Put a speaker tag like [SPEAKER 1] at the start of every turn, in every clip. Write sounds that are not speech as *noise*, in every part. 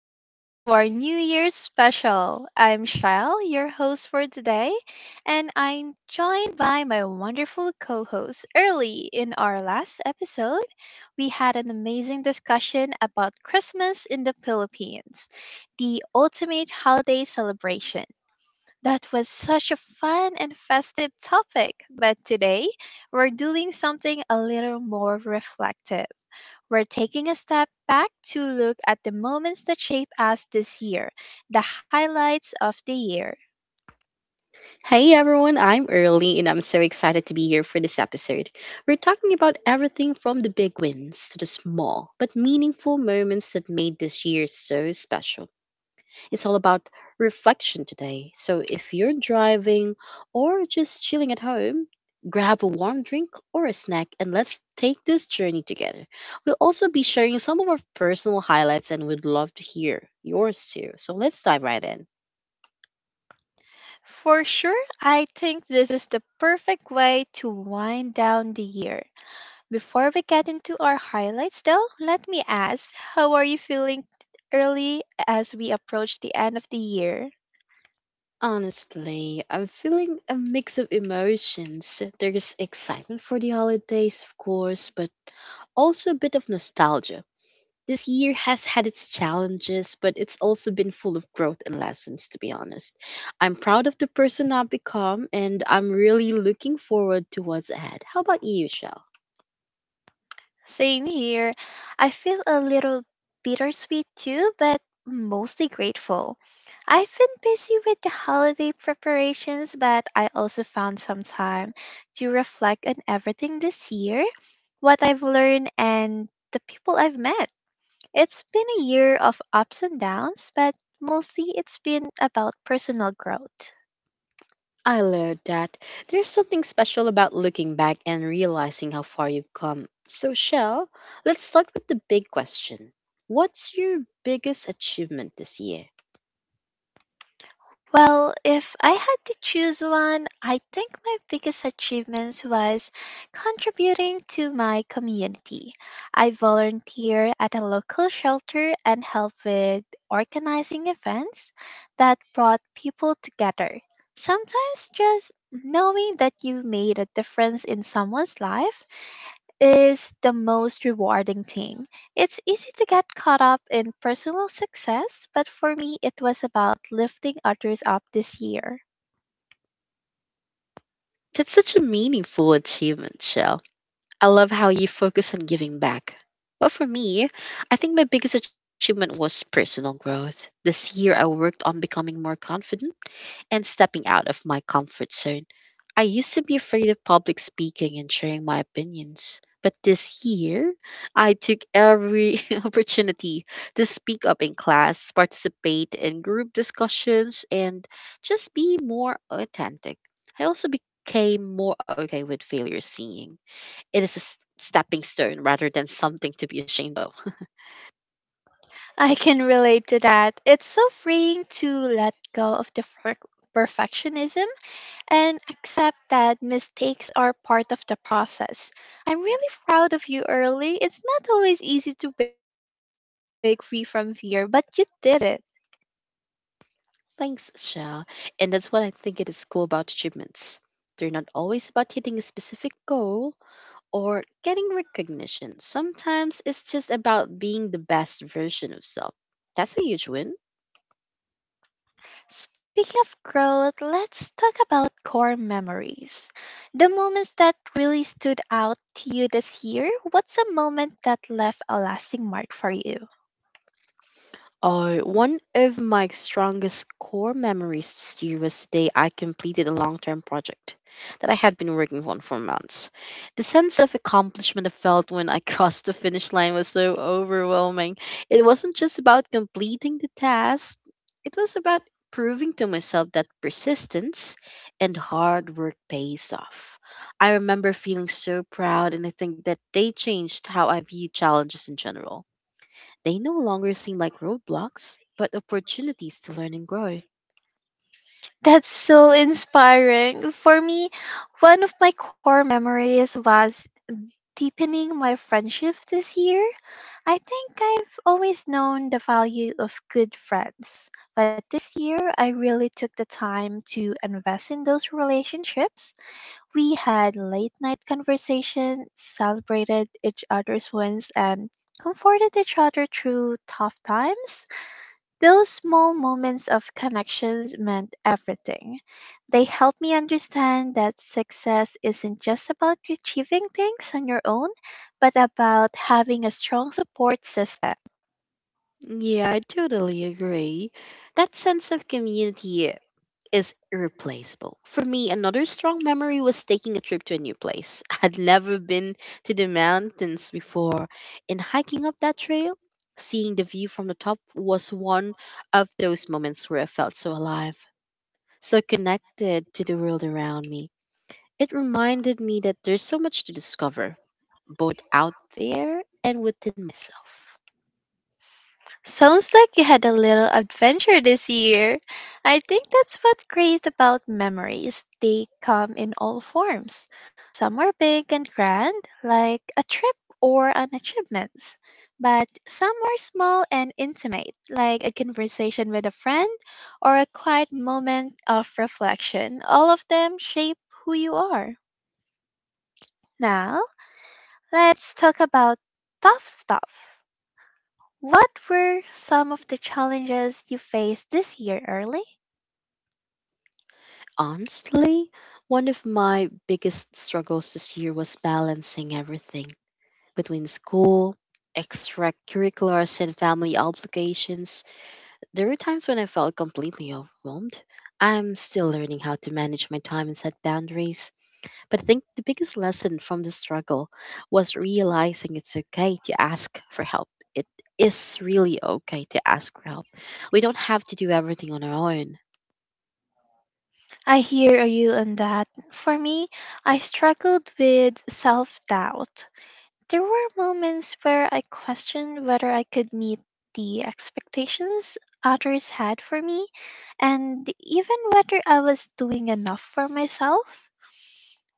[SPEAKER 1] Welcome to our New Year's special. I'm Shell, your host for today, and I'm joined by my wonderful co host, Early. In our last episode, we had an amazing discussion about Christmas in the Philippines, the ultimate holiday celebration. That was such a fun and festive topic, but today we're doing something a little more reflective. We're taking a step back to look at the moments that shape us this year, the highlights of the year.
[SPEAKER 2] Hey everyone, I'm Early and I'm so excited to be here for this episode. We're talking about everything from the big wins to the small but meaningful moments that made this year so special. It's all about reflection today. So if you're driving or just chilling at home, grab a warm drink or a snack and let's take this journey together. We'll also be sharing some of our personal highlights and we'd love to hear yours too. So let's dive right in.
[SPEAKER 1] For sure, I think this is the perfect way to wind down the year. Before we get into our highlights, though, let me ask how are you feeling early as we approach the end of the year?
[SPEAKER 2] Honestly, I'm feeling a mix of emotions. There's excitement for the holidays, of course, but also a bit of nostalgia. This year has had its challenges, but it's also been full of growth and lessons, to be honest. I'm proud of the person I've become, and I'm really looking forward to what's ahead. How about you, Shell?
[SPEAKER 1] Same here. I feel a little bittersweet too, but mostly grateful. I've been busy with the holiday preparations, but I also found some time to reflect on everything this year, what I've learned, and the people I've met. It's been a year of ups and downs, but mostly it's been about personal growth.
[SPEAKER 2] I learned that. There's something special about looking back and realizing how far you've come. So, Shell, let's start with the big question. What's your biggest achievement this year?
[SPEAKER 1] Well, if I had to choose one, I think my biggest achievements was contributing to my community. I volunteered at a local shelter and helped with organizing events that brought people together. Sometimes just knowing that you made a difference in someone's life is the most rewarding thing. It's easy to get caught up in personal success, but for me, it was about lifting others up this year.
[SPEAKER 2] That's such a meaningful achievement, Shell. I love how you focus on giving back. Well, for me, I think my biggest achievement was personal growth. This year, I worked on becoming more confident and stepping out of my comfort zone. I used to be afraid of public speaking and sharing my opinions, but this year I took every *laughs* opportunity to speak up in class, participate in group discussions, and just be more authentic. I also became more okay with failure seeing. It is a stepping stone rather than something to be ashamed of. *laughs*
[SPEAKER 1] *laughs* I can relate to that. It's so freeing to let go of the perfectionism and accept that mistakes are part of the process. I'm really proud of you, Early. It's not always easy to break free from fear, but you did it.
[SPEAKER 2] Thanks, Shah. And that's what I think it is cool about achievements. They're not always about hitting a specific goal or getting recognition. Sometimes it's just about being the best version of self. That's a huge win.
[SPEAKER 1] Speaking of growth, let's talk about core memories. The moments that really stood out to you this year, what's a moment that left a lasting mark for you?
[SPEAKER 2] One of my strongest core memories this year was the day I completed a long term project that I had been working on for months. The sense of accomplishment I felt when I *laughs* crossed the finish line was so overwhelming. It wasn't just about completing the task, it was about proving to myself that persistence and hard work pays off. I remember feeling so proud, and I think that they changed how I view challenges in general. They no longer seem like roadblocks, but opportunities to learn and grow.
[SPEAKER 1] That's so inspiring. For me, one of my core memories was deepening my friendship this year. I think I've always known the value of good friends, but this year I really took the time to invest in those relationships. We had late night conversations, celebrated each other's wins, and comforted each other through tough times. Those small moments of connections meant everything. They helped me understand that success isn't just about achieving things on your own, but about having a strong support system.
[SPEAKER 2] Yeah, I totally agree. That sense of community is irreplaceable. For me, another strong memory was taking a trip to a new place. *laughs* I'd never been to the mountains before, and hiking up that trail, seeing the view from the top was one of those moments where I felt so alive, so connected to the world around me. It reminded me that there's so much to discover, both out there and within myself.
[SPEAKER 1] Sounds like you had a little adventure this year. I think that's what's great about memories. They come in all forms. Some were big and grand, like a trip or an achievement, but some were small and intimate, like a conversation with a friend or a quiet moment of reflection. All of them shape who you are. Now, let's talk about tough stuff. What were some of the challenges you faced this year early?
[SPEAKER 2] Honestly, one of my biggest struggles this year was balancing everything between school, extracurriculars, and family obligations. There were times when I felt completely overwhelmed. I'm still learning how to manage my time and set boundaries. But I think the biggest lesson from the struggle was realizing it's okay to ask for help. It is really okay to ask for help. We don't have to do everything on our own.
[SPEAKER 1] I hear you on that. For me, I struggled with self doubt. There were moments where I questioned whether I could meet the expectations others had for me and even whether I was doing enough for myself.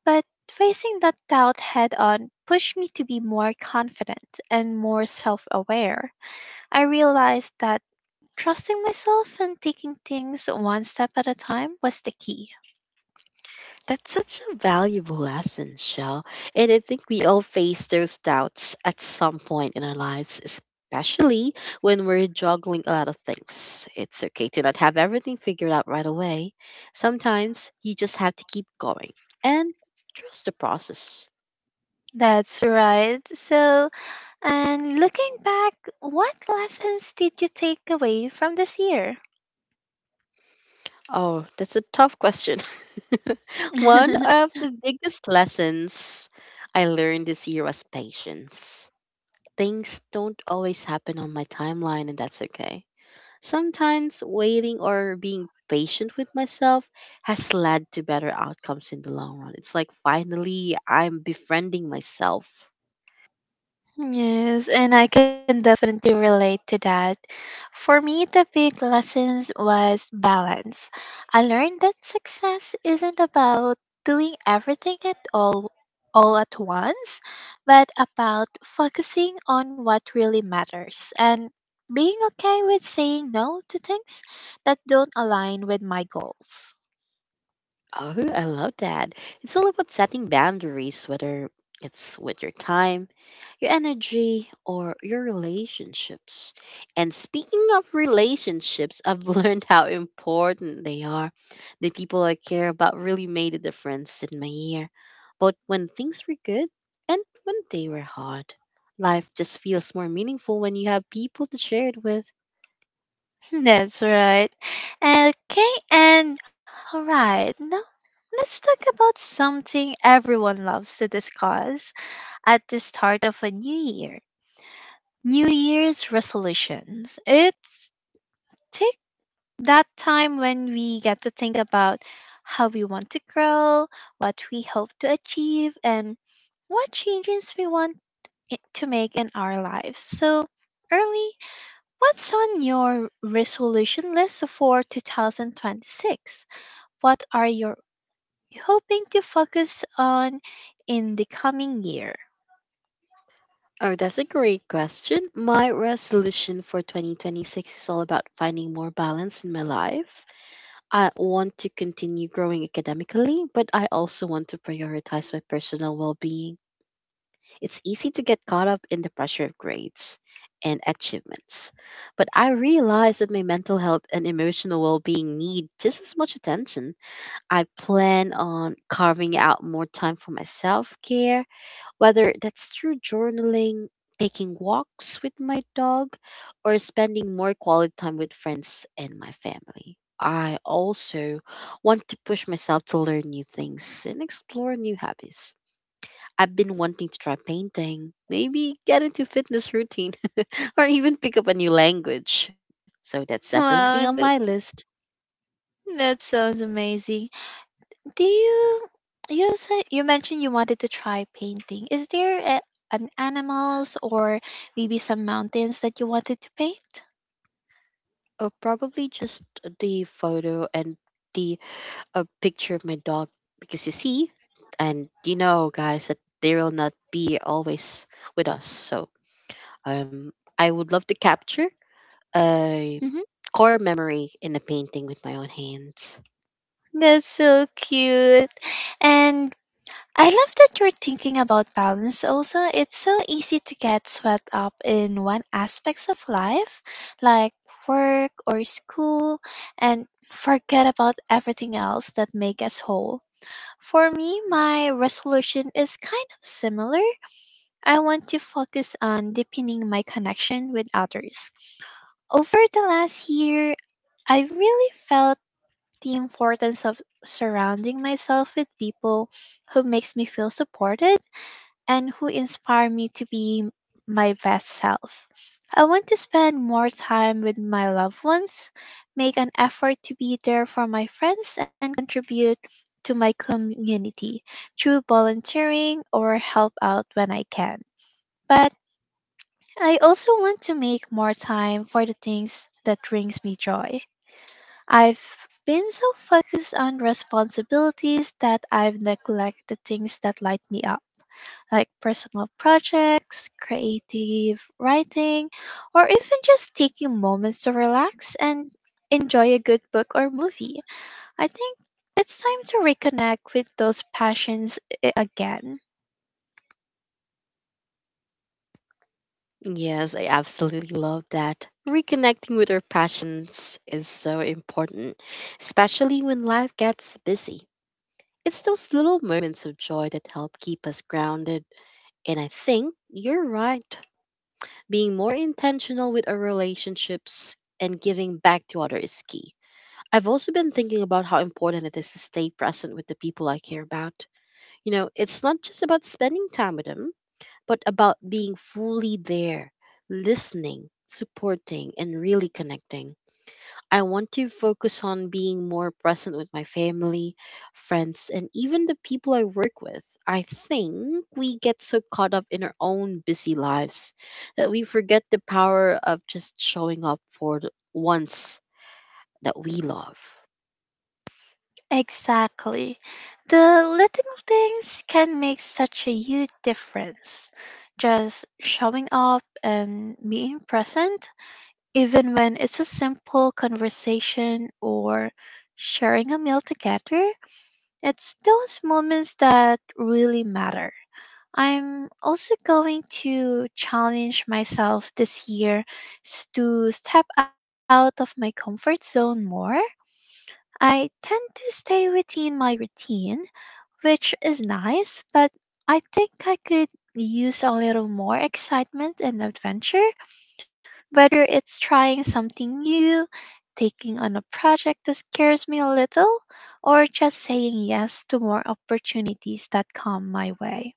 [SPEAKER 1] But facing that doubt head on pushed me to be more confident and more self aware. I realized that trusting myself and taking things one step at a time was the key.
[SPEAKER 2] That's such a valuable lesson, Shell. And I think we all face those doubts at some point in our lives, especially when we're juggling a lot of things. It's okay to not have everything figured out right away. Sometimes you just have to keep going and trust the process.
[SPEAKER 1] That's right. And looking back, what lessons did you take away from this year?
[SPEAKER 2] Oh, that's a tough question. *laughs* One of the biggest lessons I learned this year was patience. Things don't always happen on my timeline, and that's
[SPEAKER 1] *laughs*
[SPEAKER 2] okay. Sometimes waiting or being patient with myself has led to better outcomes in the long run. It's like finally I'm befriending myself.
[SPEAKER 1] Yes, and I can definitely relate to that. For me, the big lessons was balance. I learned that success isn't about doing everything at all at once, but about focusing on what really matters and being okay with saying no to things that don't align with my goals.
[SPEAKER 2] Oh, I love that. It's all about setting boundaries, whether it's with your time, your energy, or your relationships. And speaking of relationships, I've *laughs* learned how important they are. The people I care about really made a difference in my year, both when things were good and when they were hard. Life just feels more meaningful when you have people to share it with.
[SPEAKER 1] That's right. Okay, and all right, now let's talk about something everyone loves to discuss at the start of a new year. New Year's resolutions. It's take that time when we get to think about how we want to grow, what we hope to achieve, and what changes we want to make in our lives. So, Early, what's on your resolution list for 2026? What are you hoping to focus on in the coming year?
[SPEAKER 2] Oh, that's a great question. My resolution for 2026 is all about finding more balance in my life. I want to continue growing academically, but I also want to prioritize my personal well being. It's easy to get caught up in the pressure of grades and achievements, but I realize that my mental health and emotional well being need just as much attention. I plan on carving out more time for my self care, whether that's through journaling, taking walks with my dog, or spending more quality time with friends and my family. I also want to push myself to learn new things and explore new hobbies. I've been wanting to try painting, maybe get into fitness routine, *laughs* or even pick up a new language. So that's definitely on my
[SPEAKER 1] Wow, that's
[SPEAKER 2] list.
[SPEAKER 1] That sounds amazing. Do you you said you mentioned you wanted to try painting. Is there an animals or maybe some mountains that you wanted to paint?
[SPEAKER 2] Or probably just the photo and the a picture of my dog because you see, and you know, guys, that they will not be always with us. So um, I would love to capture a
[SPEAKER 1] Hmm.
[SPEAKER 2] core memory in a painting with my own hands.
[SPEAKER 1] That's so cute. And I love that you're thinking about balance also. It's so easy to get swept up in one aspects of life, like work or school, and forget about everything else that make us whole. For me, my resolution is kind of similar. I want to focus on deepening my connection with others. Over the last year, I really felt the importance of surrounding myself with people who makes me feel supported and who inspire me to be my best self. I want to spend more time with my loved ones, make an effort to be there for my friends, and contribute to my community through volunteering or help out when I can. But I also want to make more time for the things that brings me joy. I've been so focused on responsibilities that I've neglected the things that light me up like personal projects, creative writing, or even just taking moments to relax and enjoy a good book or movie. I think it's time to reconnect with those passions again.
[SPEAKER 2] Yes, I absolutely love that. Reconnecting with our passions is so important, especially when life gets busy. It's those little moments of joy that help keep us grounded. And I think you're right. Being more intentional with our relationships and giving back to others is key. I've also been thinking about how important it is to stay present with the people I care about. You know, it's not just about spending time with them, but about being fully there, listening, supporting, and really connecting. I want to focus on being more present with my family, friends, and even the people I work with. I think we get so caught up in our own busy lives that we forget the power of just showing up for the ones that we love.
[SPEAKER 1] Exactly. The little things can make such a huge difference. Just showing up and being present, even when it's a simple conversation or sharing a meal together, it's those moments that really matter. I'm also going to challenge myself this year to step out of my comfort zone more. I tend to stay within my routine, which is nice, but I think I could use a little more excitement and adventure. Whether it's trying something new, taking on a project that scares me a little, or just saying yes to more opportunities that come my way.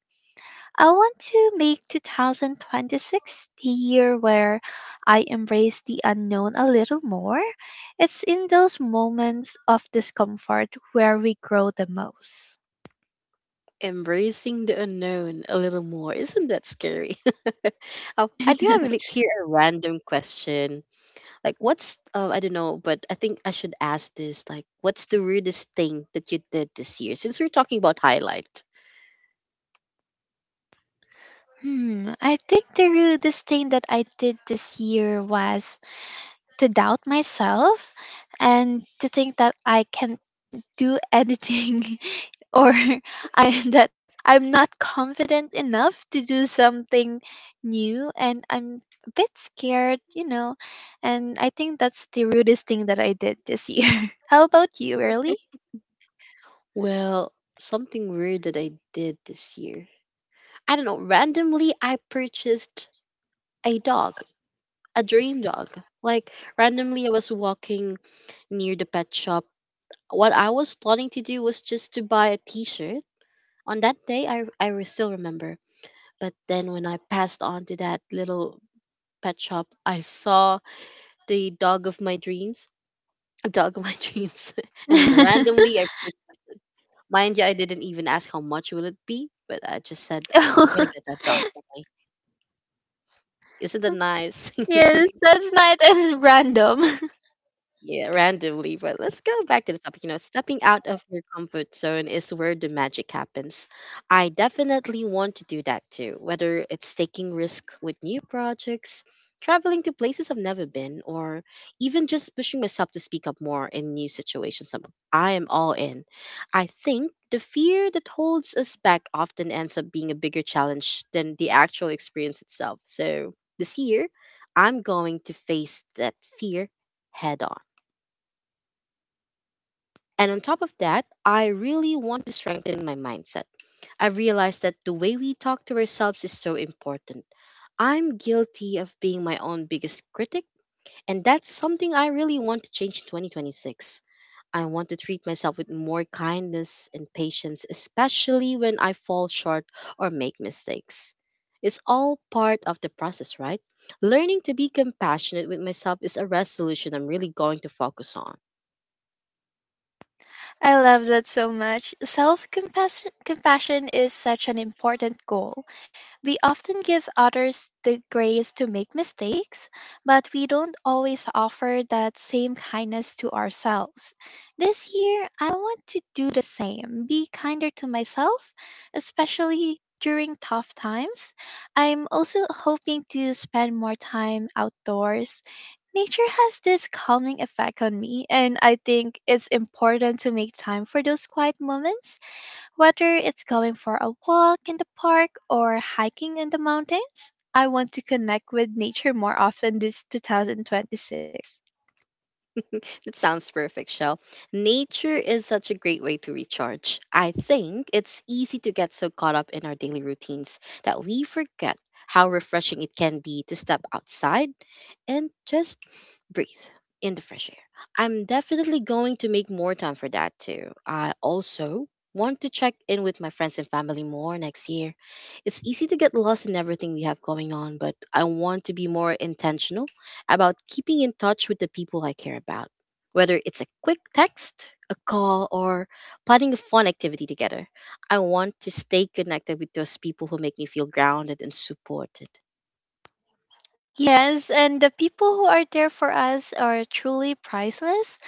[SPEAKER 1] I want to make 2026 the year where I embrace the unknown a little more. It's in those moments of discomfort where we grow the most.
[SPEAKER 2] Embracing the unknown a little more. Isn't that scary? *laughs* Oh, I do have
[SPEAKER 1] *laughs*
[SPEAKER 2] here a random question. Like, what's, I don't know, but I think I should ask this. Like, what's the weirdest thing that you did this year? Since we're talking about highlight.
[SPEAKER 1] Hmm, I think the real thing that I did this year was to doubt myself and to think that I can't do anything *laughs* or I that I'm not confident enough to do something new and I'm a bit scared, you know. And I think that's the rudest thing that I did this year. *laughs* How about you, really? *laughs*
[SPEAKER 2] Well, something weird that I did this year. I don't know. Randomly, I purchased a dog, a dream dog. Like, randomly, I was walking near the pet shop. What I was planning to do was just to buy a t shirt. On that day, I still remember. But then when I passed on to that little pet shop, I saw the dog of my dreams, *laughs* a dog of my *laughs* dreams, *laughs* and randomly I purchased it. Mind you, I didn't even ask how much will it be, but I just said I'm gonna get that
[SPEAKER 1] *laughs*
[SPEAKER 2] dog. Okay? Isn't that nice? *laughs*
[SPEAKER 1] Yes, that's nice and random.
[SPEAKER 2] Yeah, randomly, but let's go back to the topic. You know, stepping out of your comfort zone is where the magic happens. I definitely want to do that too, whether it's taking risk with new projects, traveling to places I've never been, or even just pushing myself to speak up more in new situations. I am all in. I think the fear that holds us back often ends up being a bigger challenge than the actual experience itself. So this year, I'm going to face that fear head on. And on top of that, I really want to strengthen my mindset. I've realized that the way we talk to ourselves is so important. I'm guilty of being my own biggest critic, and that's something I really want to change in 2026. I want to treat myself with more kindness and patience, especially when I fall short or make mistakes. It's all part of the process, right? Learning to be compassionate with myself is a resolution I'm really going to focus on.
[SPEAKER 1] I love that so much. Self compassion is such an important goal. We often give others the grace to make mistakes, but we don't always offer that same kindness to ourselves. This year, I want to do the same be kinder to myself, especially during tough times. I'm also hoping to spend more time outdoors. Nature has this calming effect on me, and I think it's important to make time for those quiet moments, whether it's going for a walk in the park or hiking in the mountains. I want to connect with nature more often this 2026.
[SPEAKER 2] *laughs* That sounds perfect, Shell. Nature is such a great way to recharge. I think it's easy to get so caught up in our daily routines that we forget how refreshing it can be to step outside and just breathe in the fresh air. I'm definitely going to make more time for that too. I also want to check in with my friends and family more next year. It's easy to get lost in everything we have going on, but I want to be more intentional about keeping in touch with the people I care about. Whether it's a quick text, a call, or planning a fun activity together, I want to stay connected with those people who make me feel grounded and supported.
[SPEAKER 1] Yes, and the people who are there for us are truly priceless.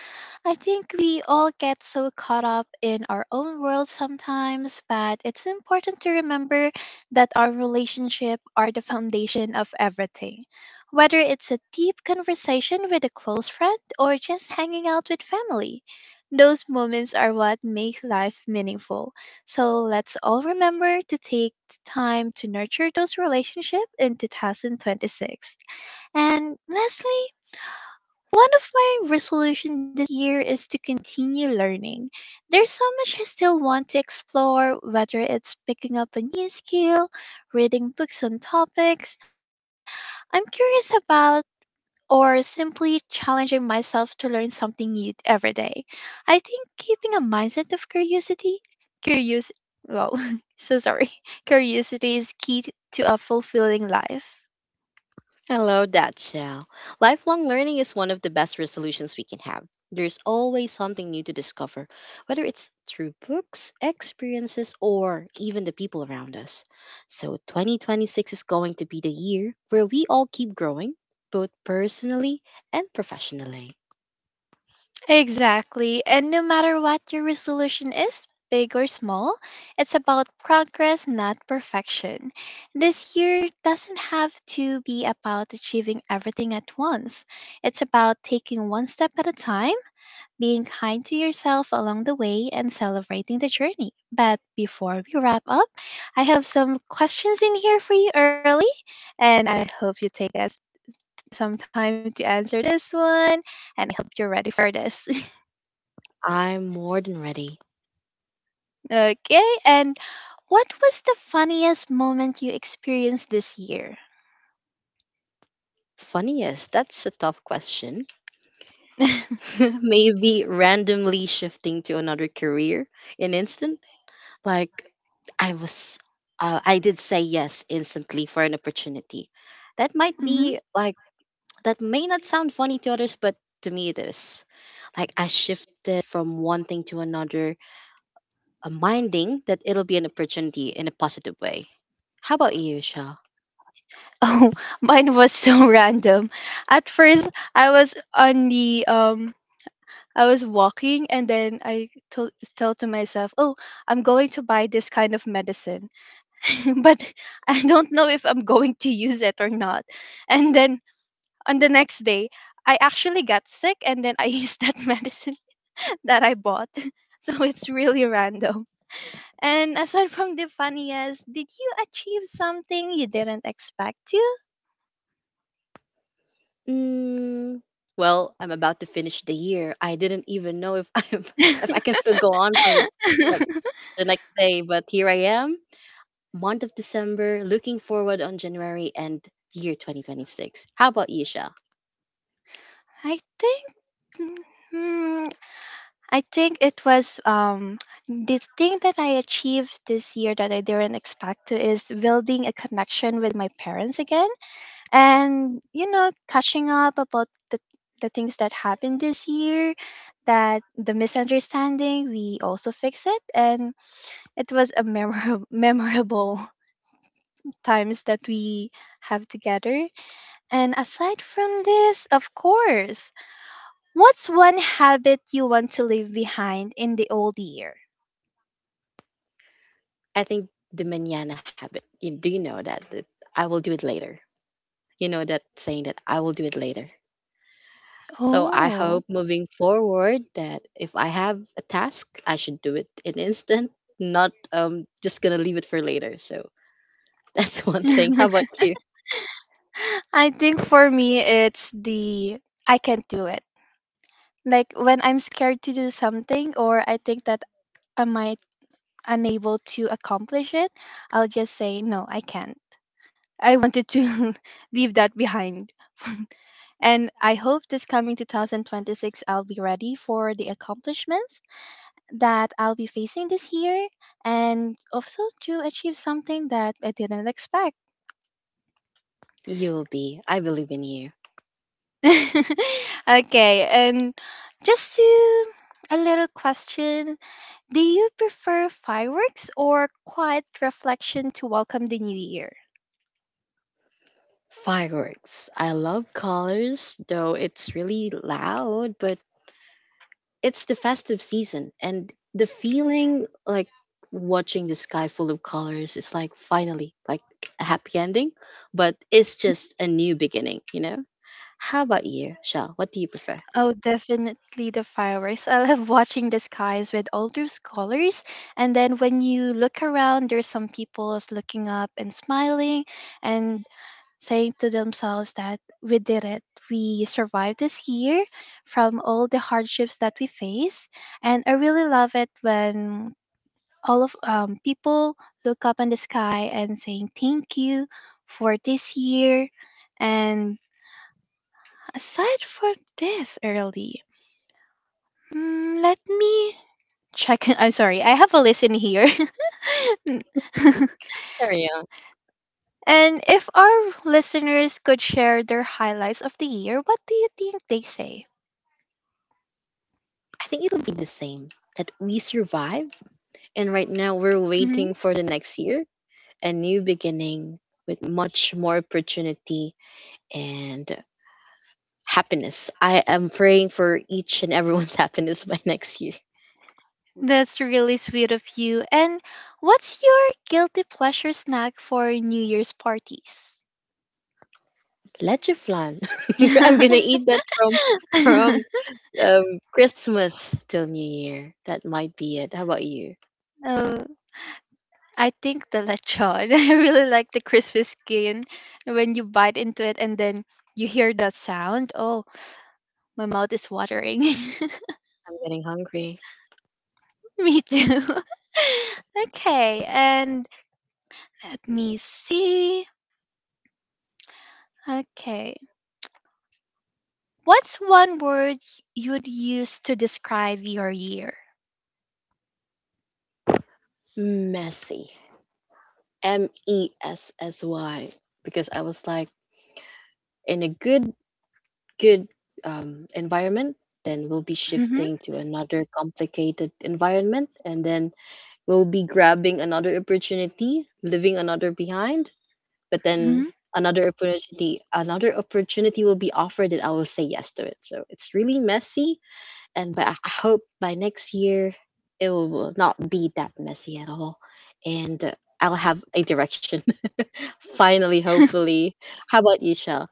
[SPEAKER 1] I think we all get so caught up in our own world sometimes, but it's important to remember that our relationship are the foundation of everything. Whether it's a deep conversation with a close friend or just hanging out with family, those moments are what make life meaningful. So let's all remember to take the time to nurture those relationships in 2026. And lastly, one of my resolution this year is to continue learning. There's so much I still want to explore, whether it's picking up a new skill, reading books on topics I'm curious about, or simply challenging myself to learn something new every day. I think keeping a mindset of curious, well, *laughs* so sorry, *laughs* curiosity is key to a fulfilling life.
[SPEAKER 2] Hello, Datchell. Lifelong learning is one of the best resolutions we can have. There's always something new to discover, whether it's through books, experiences, or even the people around us. So, 2026 is going to be the year where we all keep growing, both personally and professionally.
[SPEAKER 1] Exactly. And no matter what your resolution is, big or small, it's about progress, not perfection. This year doesn't have to be about achieving everything at once. It's about taking one step at a time, being kind to yourself along the way, and celebrating the journey. But before we wrap up, I have some questions in here for you early, and I hope you take us some time to answer this one, and I hope you're ready for this.
[SPEAKER 2] I'm more than ready.
[SPEAKER 1] Okay, and what was the funniest moment you experienced this year?
[SPEAKER 2] Funniest, that's a tough question.
[SPEAKER 1] *laughs*
[SPEAKER 2] *laughs* Maybe randomly shifting to another career in instant. Like I was, I did say yes instantly for an opportunity. That might
[SPEAKER 1] Hmm.
[SPEAKER 2] be like, that may not sound funny to others, but to me it is. Like I shifted from one thing to another, minding that it'll be an opportunity in a positive way. How about you, Shaw?
[SPEAKER 1] Oh, *laughs* mine was so *laughs* random. At first, I was on the um, I was walking, and then I told to myself, "Oh, I'm going to buy this kind of medicine," *laughs* but I don't know if I'm going to use it or not. And then on the next day, I actually got sick, and then I used that *laughs* medicine that I bought. *laughs* So it's really random. And aside from the funniest, did you achieve something you didn't expect to?
[SPEAKER 2] Mm, well, I'm about to finish the year. I didn't even know if *laughs* I'm, if I can still go on for the, like
[SPEAKER 1] *laughs*
[SPEAKER 2] the next day, but here I am. Month of December, looking forward on January and year 2026. How about you, Shell?
[SPEAKER 1] I think hmm, I think it was the thing that I achieved this year that I didn't expect to is building a connection with my parents again and you know catching up about the things that happened this year that the misunderstanding we also fix it and it was a memorable *laughs* memorable times that we have together. And aside from this, of course, what's one habit you want to leave behind in the old year?
[SPEAKER 2] I think the manana habit. You, do you know that I will do it later? You know that saying that I will do it later. So I
[SPEAKER 1] Oh,
[SPEAKER 2] hope moving forward that if I have a task, I should do it in instant, not just gonna leave it for later. So *laughs* that's one thing. How
[SPEAKER 1] *laughs*
[SPEAKER 2] about you?
[SPEAKER 1] I think for me, it's the I can't do it. Like when I'm scared to do something or I think that I might unable to accomplish it, I'll just say, no, I can't. I wanted to *laughs* leave that behind. *laughs* And I hope this coming 2026 I'll be ready for the accomplishments that I'll be facing this year and also to achieve something that I didn't expect.
[SPEAKER 2] You'll be. I believe in you.
[SPEAKER 1] *laughs* Okay, and just to a little question. Do you prefer fireworks or quiet reflection to welcome the new year?
[SPEAKER 2] Fireworks. I love colors, though it's really loud, but it's the festive season and the feeling like watching the sky full of colors is like finally like a happy ending, but it's just a new beginning, you know. How about you, Shaw? What do you prefer?
[SPEAKER 1] Oh, definitely the fireworks. I love watching the skies with all those colors. And then when you look around, there's some people is looking up and smiling and saying to themselves that we did it. We survived this year from all the hardships that we face. And I really love it when all of people look up in the sky and saying thank you for this year. And aside from this, early. Mm, let me check. *laughs* I'm sorry. I have a list in here. *laughs* Mm. *laughs*
[SPEAKER 2] Carry on.
[SPEAKER 1] And if our listeners could share their highlights of the year, what do you think they say?
[SPEAKER 2] I think it'll be the same, that we survive, and right now we're
[SPEAKER 1] Hmm.
[SPEAKER 2] waiting for the next year, a new beginning with much more opportunity and happiness. I am praying for each and everyone's *laughs* happiness by next year.
[SPEAKER 1] That's really sweet of you. And what's your guilty pleasure snack for New Year's parties?
[SPEAKER 2] Lechiflan. *laughs* I'm gonna eat that
[SPEAKER 1] *laughs* *laughs*
[SPEAKER 2] from Christmas till New Year. That might be it. How about you?
[SPEAKER 1] Oh, I think the lechon. *laughs* I really like the crispy skin when you bite into it and then you hear that sound. Oh, my mouth is watering. *laughs*
[SPEAKER 2] I'm getting hungry.
[SPEAKER 1] Me too. *laughs* Okay, and let me see. Okay. What's one word you'd use to describe your year?
[SPEAKER 2] Messy. M E S S Y. Because I was like in a good environment, then we'll be
[SPEAKER 1] Hmm.
[SPEAKER 2] shifting to another complicated environment, and then we'll be grabbing another opportunity, leaving another behind. But then
[SPEAKER 1] Hmm.
[SPEAKER 2] another opportunity will be offered and I will say yes to it, so it's really messy. And but I hope by next year it will not be that messy at all, and I'll have a direction *laughs* finally, hopefully. How about you, Shell?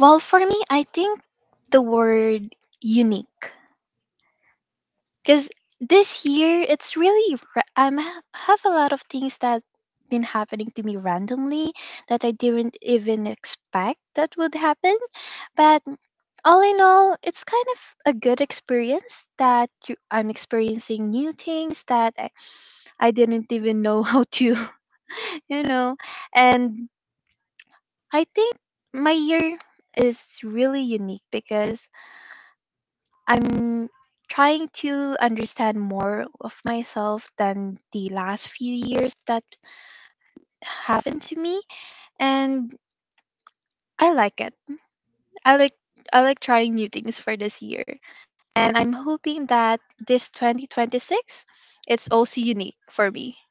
[SPEAKER 1] Well, for me, I think the word unique. Because this year, it's really, have a lot of things that been happening to me randomly that I didn't even expect that would happen. But all in all, it's kind of a good experience that I'm experiencing new things that I didn't even know how to, *laughs* you know. And I think my year is really unique because I'm trying to understand more of myself than the last few years that happened to me and I like it. I like I like trying new things for this year. And I'm hoping that this 2026 it's also unique for me.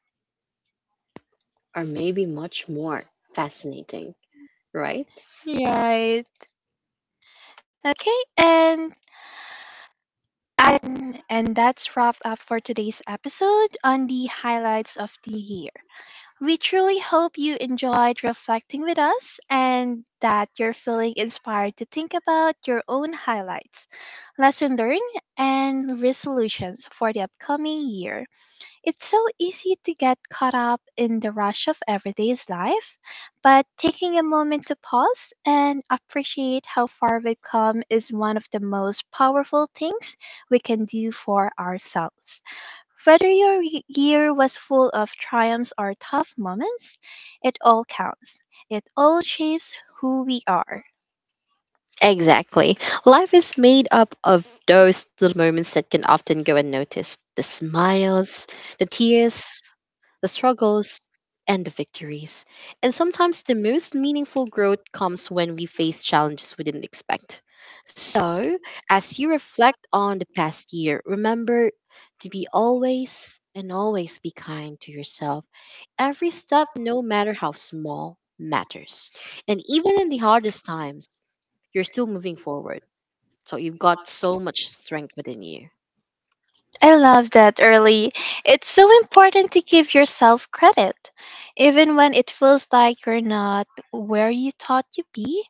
[SPEAKER 2] Or maybe much more fascinating, right?
[SPEAKER 1] Right. Okay, and that's wrapped up for today's episode on the highlights of the year. We truly hope you enjoyed reflecting with us and that you're feeling inspired to think about your own highlights, lesson learned, and resolutions for the upcoming year. It's so easy to get caught up in the rush of everyday's life, but taking a moment to pause and appreciate how far we've come is one of the most powerful things we can do for ourselves. Whether your year was full of triumphs or tough moments, it all counts. It all shapes who we are.
[SPEAKER 2] Exactly. Life is made up of those little moments that can often go unnoticed: the smiles, the tears, the struggles, and the victories. And sometimes the most meaningful growth comes when we face challenges we didn't expect. So, as you reflect on the past year, remember to be always and always be kind to yourself. Every step, no matter how small, matters. And even in the hardest times, you're still moving forward. So, you've got so much strength within you.
[SPEAKER 1] I love that early. It's so important to give yourself credit. Even when it feels like you're not where you thought you'd be,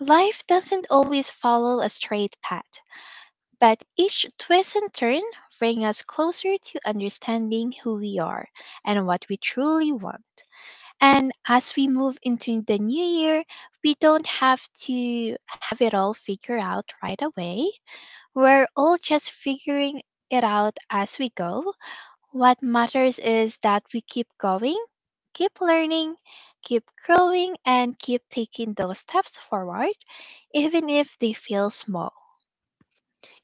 [SPEAKER 1] life doesn't always follow a straight path. But each twist and turn bring us closer to understanding who we are and what we truly want. And as we move into the new year, we don't have to have it all figured out right away. We're all just figuring it out as we go. What matters is that we keep going, keep learning, keep growing, and keep taking those steps forward, even if they feel small.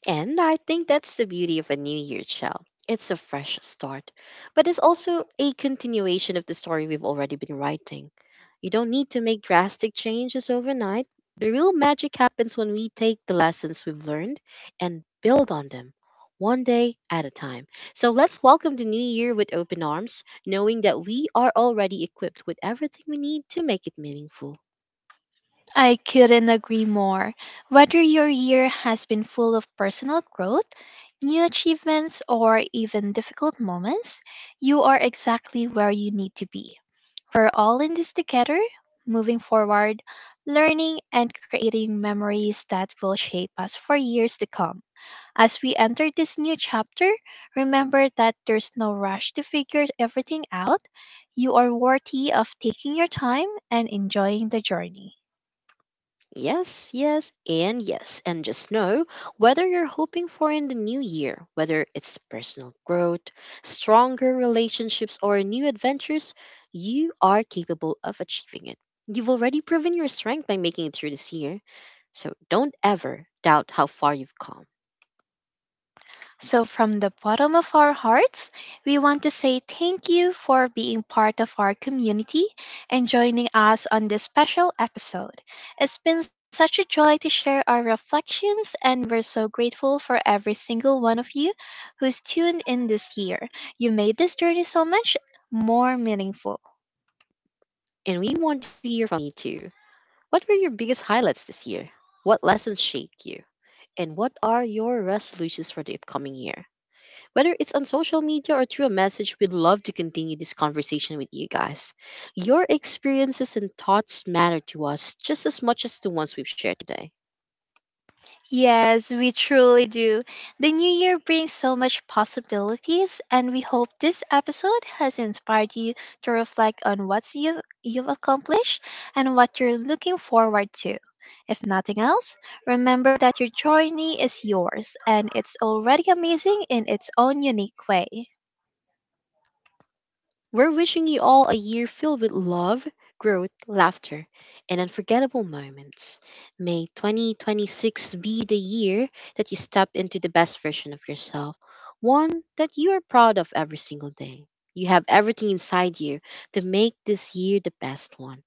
[SPEAKER 2] And I think that's the beauty of a New Year show. It's a fresh start, but it's also a continuation of the story we've already been writing. You don't need to make drastic changes overnight. The real magic happens when we take the lessons we've learned and build on them, one day at a time. So let's welcome the new year with open arms, knowing that we are already equipped with everything we need to make it meaningful.
[SPEAKER 1] I couldn't agree more. Whether your year has been full of personal growth, new achievements, or even difficult moments, you are exactly where you need to be. We're all in this together, moving forward, learning, and creating memories that will shape us for years to come. As we enter this new chapter, remember that there's no rush to figure everything out. You are worthy of taking your time and enjoying the journey.
[SPEAKER 2] Yes, yes, and yes. And just know, whether you're hoping for in the new year, whether it's personal growth, stronger relationships, or new adventures, you are capable of achieving it. You've already proven your strength by making it through this year. So don't ever doubt how far you've come.
[SPEAKER 1] So, from the bottom of our hearts, we want to say thank you for being part of our community and joining us on this special episode. It's been such a joy to share our reflections, and we're so grateful for every single one of you who's tuned in this year. You made this journey so much more meaningful.
[SPEAKER 2] And we want to hear from you too. What were your biggest highlights this year? What lessons shaped you? And what are your resolutions for the upcoming year? Whether it's on social media or through a message, we'd love to continue this conversation with you guys. Your experiences and thoughts matter to us just as much as the ones we've shared today.
[SPEAKER 1] Yes, we truly do. The new year brings so much possibilities, and we hope this episode has inspired you to reflect on what you've accomplished and what you're looking forward to. If nothing else, remember that your journey is yours and it's already amazing in its own unique way.
[SPEAKER 2] We're wishing you all a year filled with love, growth, laughter, and unforgettable moments. May 2026 be the year that you step into the best version of yourself, one that you are proud of every single day. You have everything inside you to make this year the best one.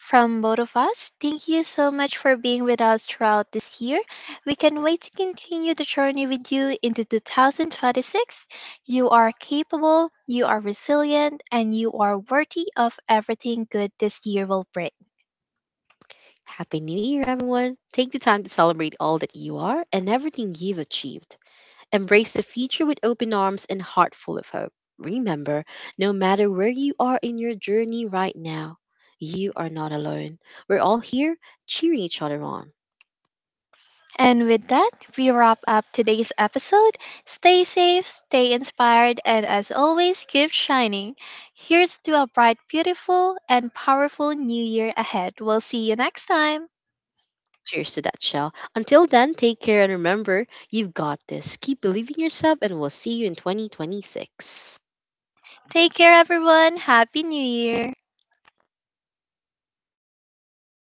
[SPEAKER 1] From both of us, thank you so much for being with us throughout this year. We can't wait to continue the journey with you into 2026. You are capable, you are resilient, and you are worthy of everything good this year will bring.
[SPEAKER 2] Happy New Year, everyone. Take the time to celebrate all that you are and everything you've achieved. Embrace the future with open arms and heart full of hope. Remember, no matter where you are in your journey right now, you are not alone. We're all here cheering each other on.
[SPEAKER 1] And with that, we wrap up today's episode. Stay safe, stay inspired, and as always, keep shining. Here's to a bright, beautiful, and powerful new year ahead. We'll see you next time.
[SPEAKER 2] Cheers to that, Shell. Until then, take care and remember, you've got this. Keep believing yourself, and we'll see you in 2026.
[SPEAKER 1] Take care, everyone. Happy New Year.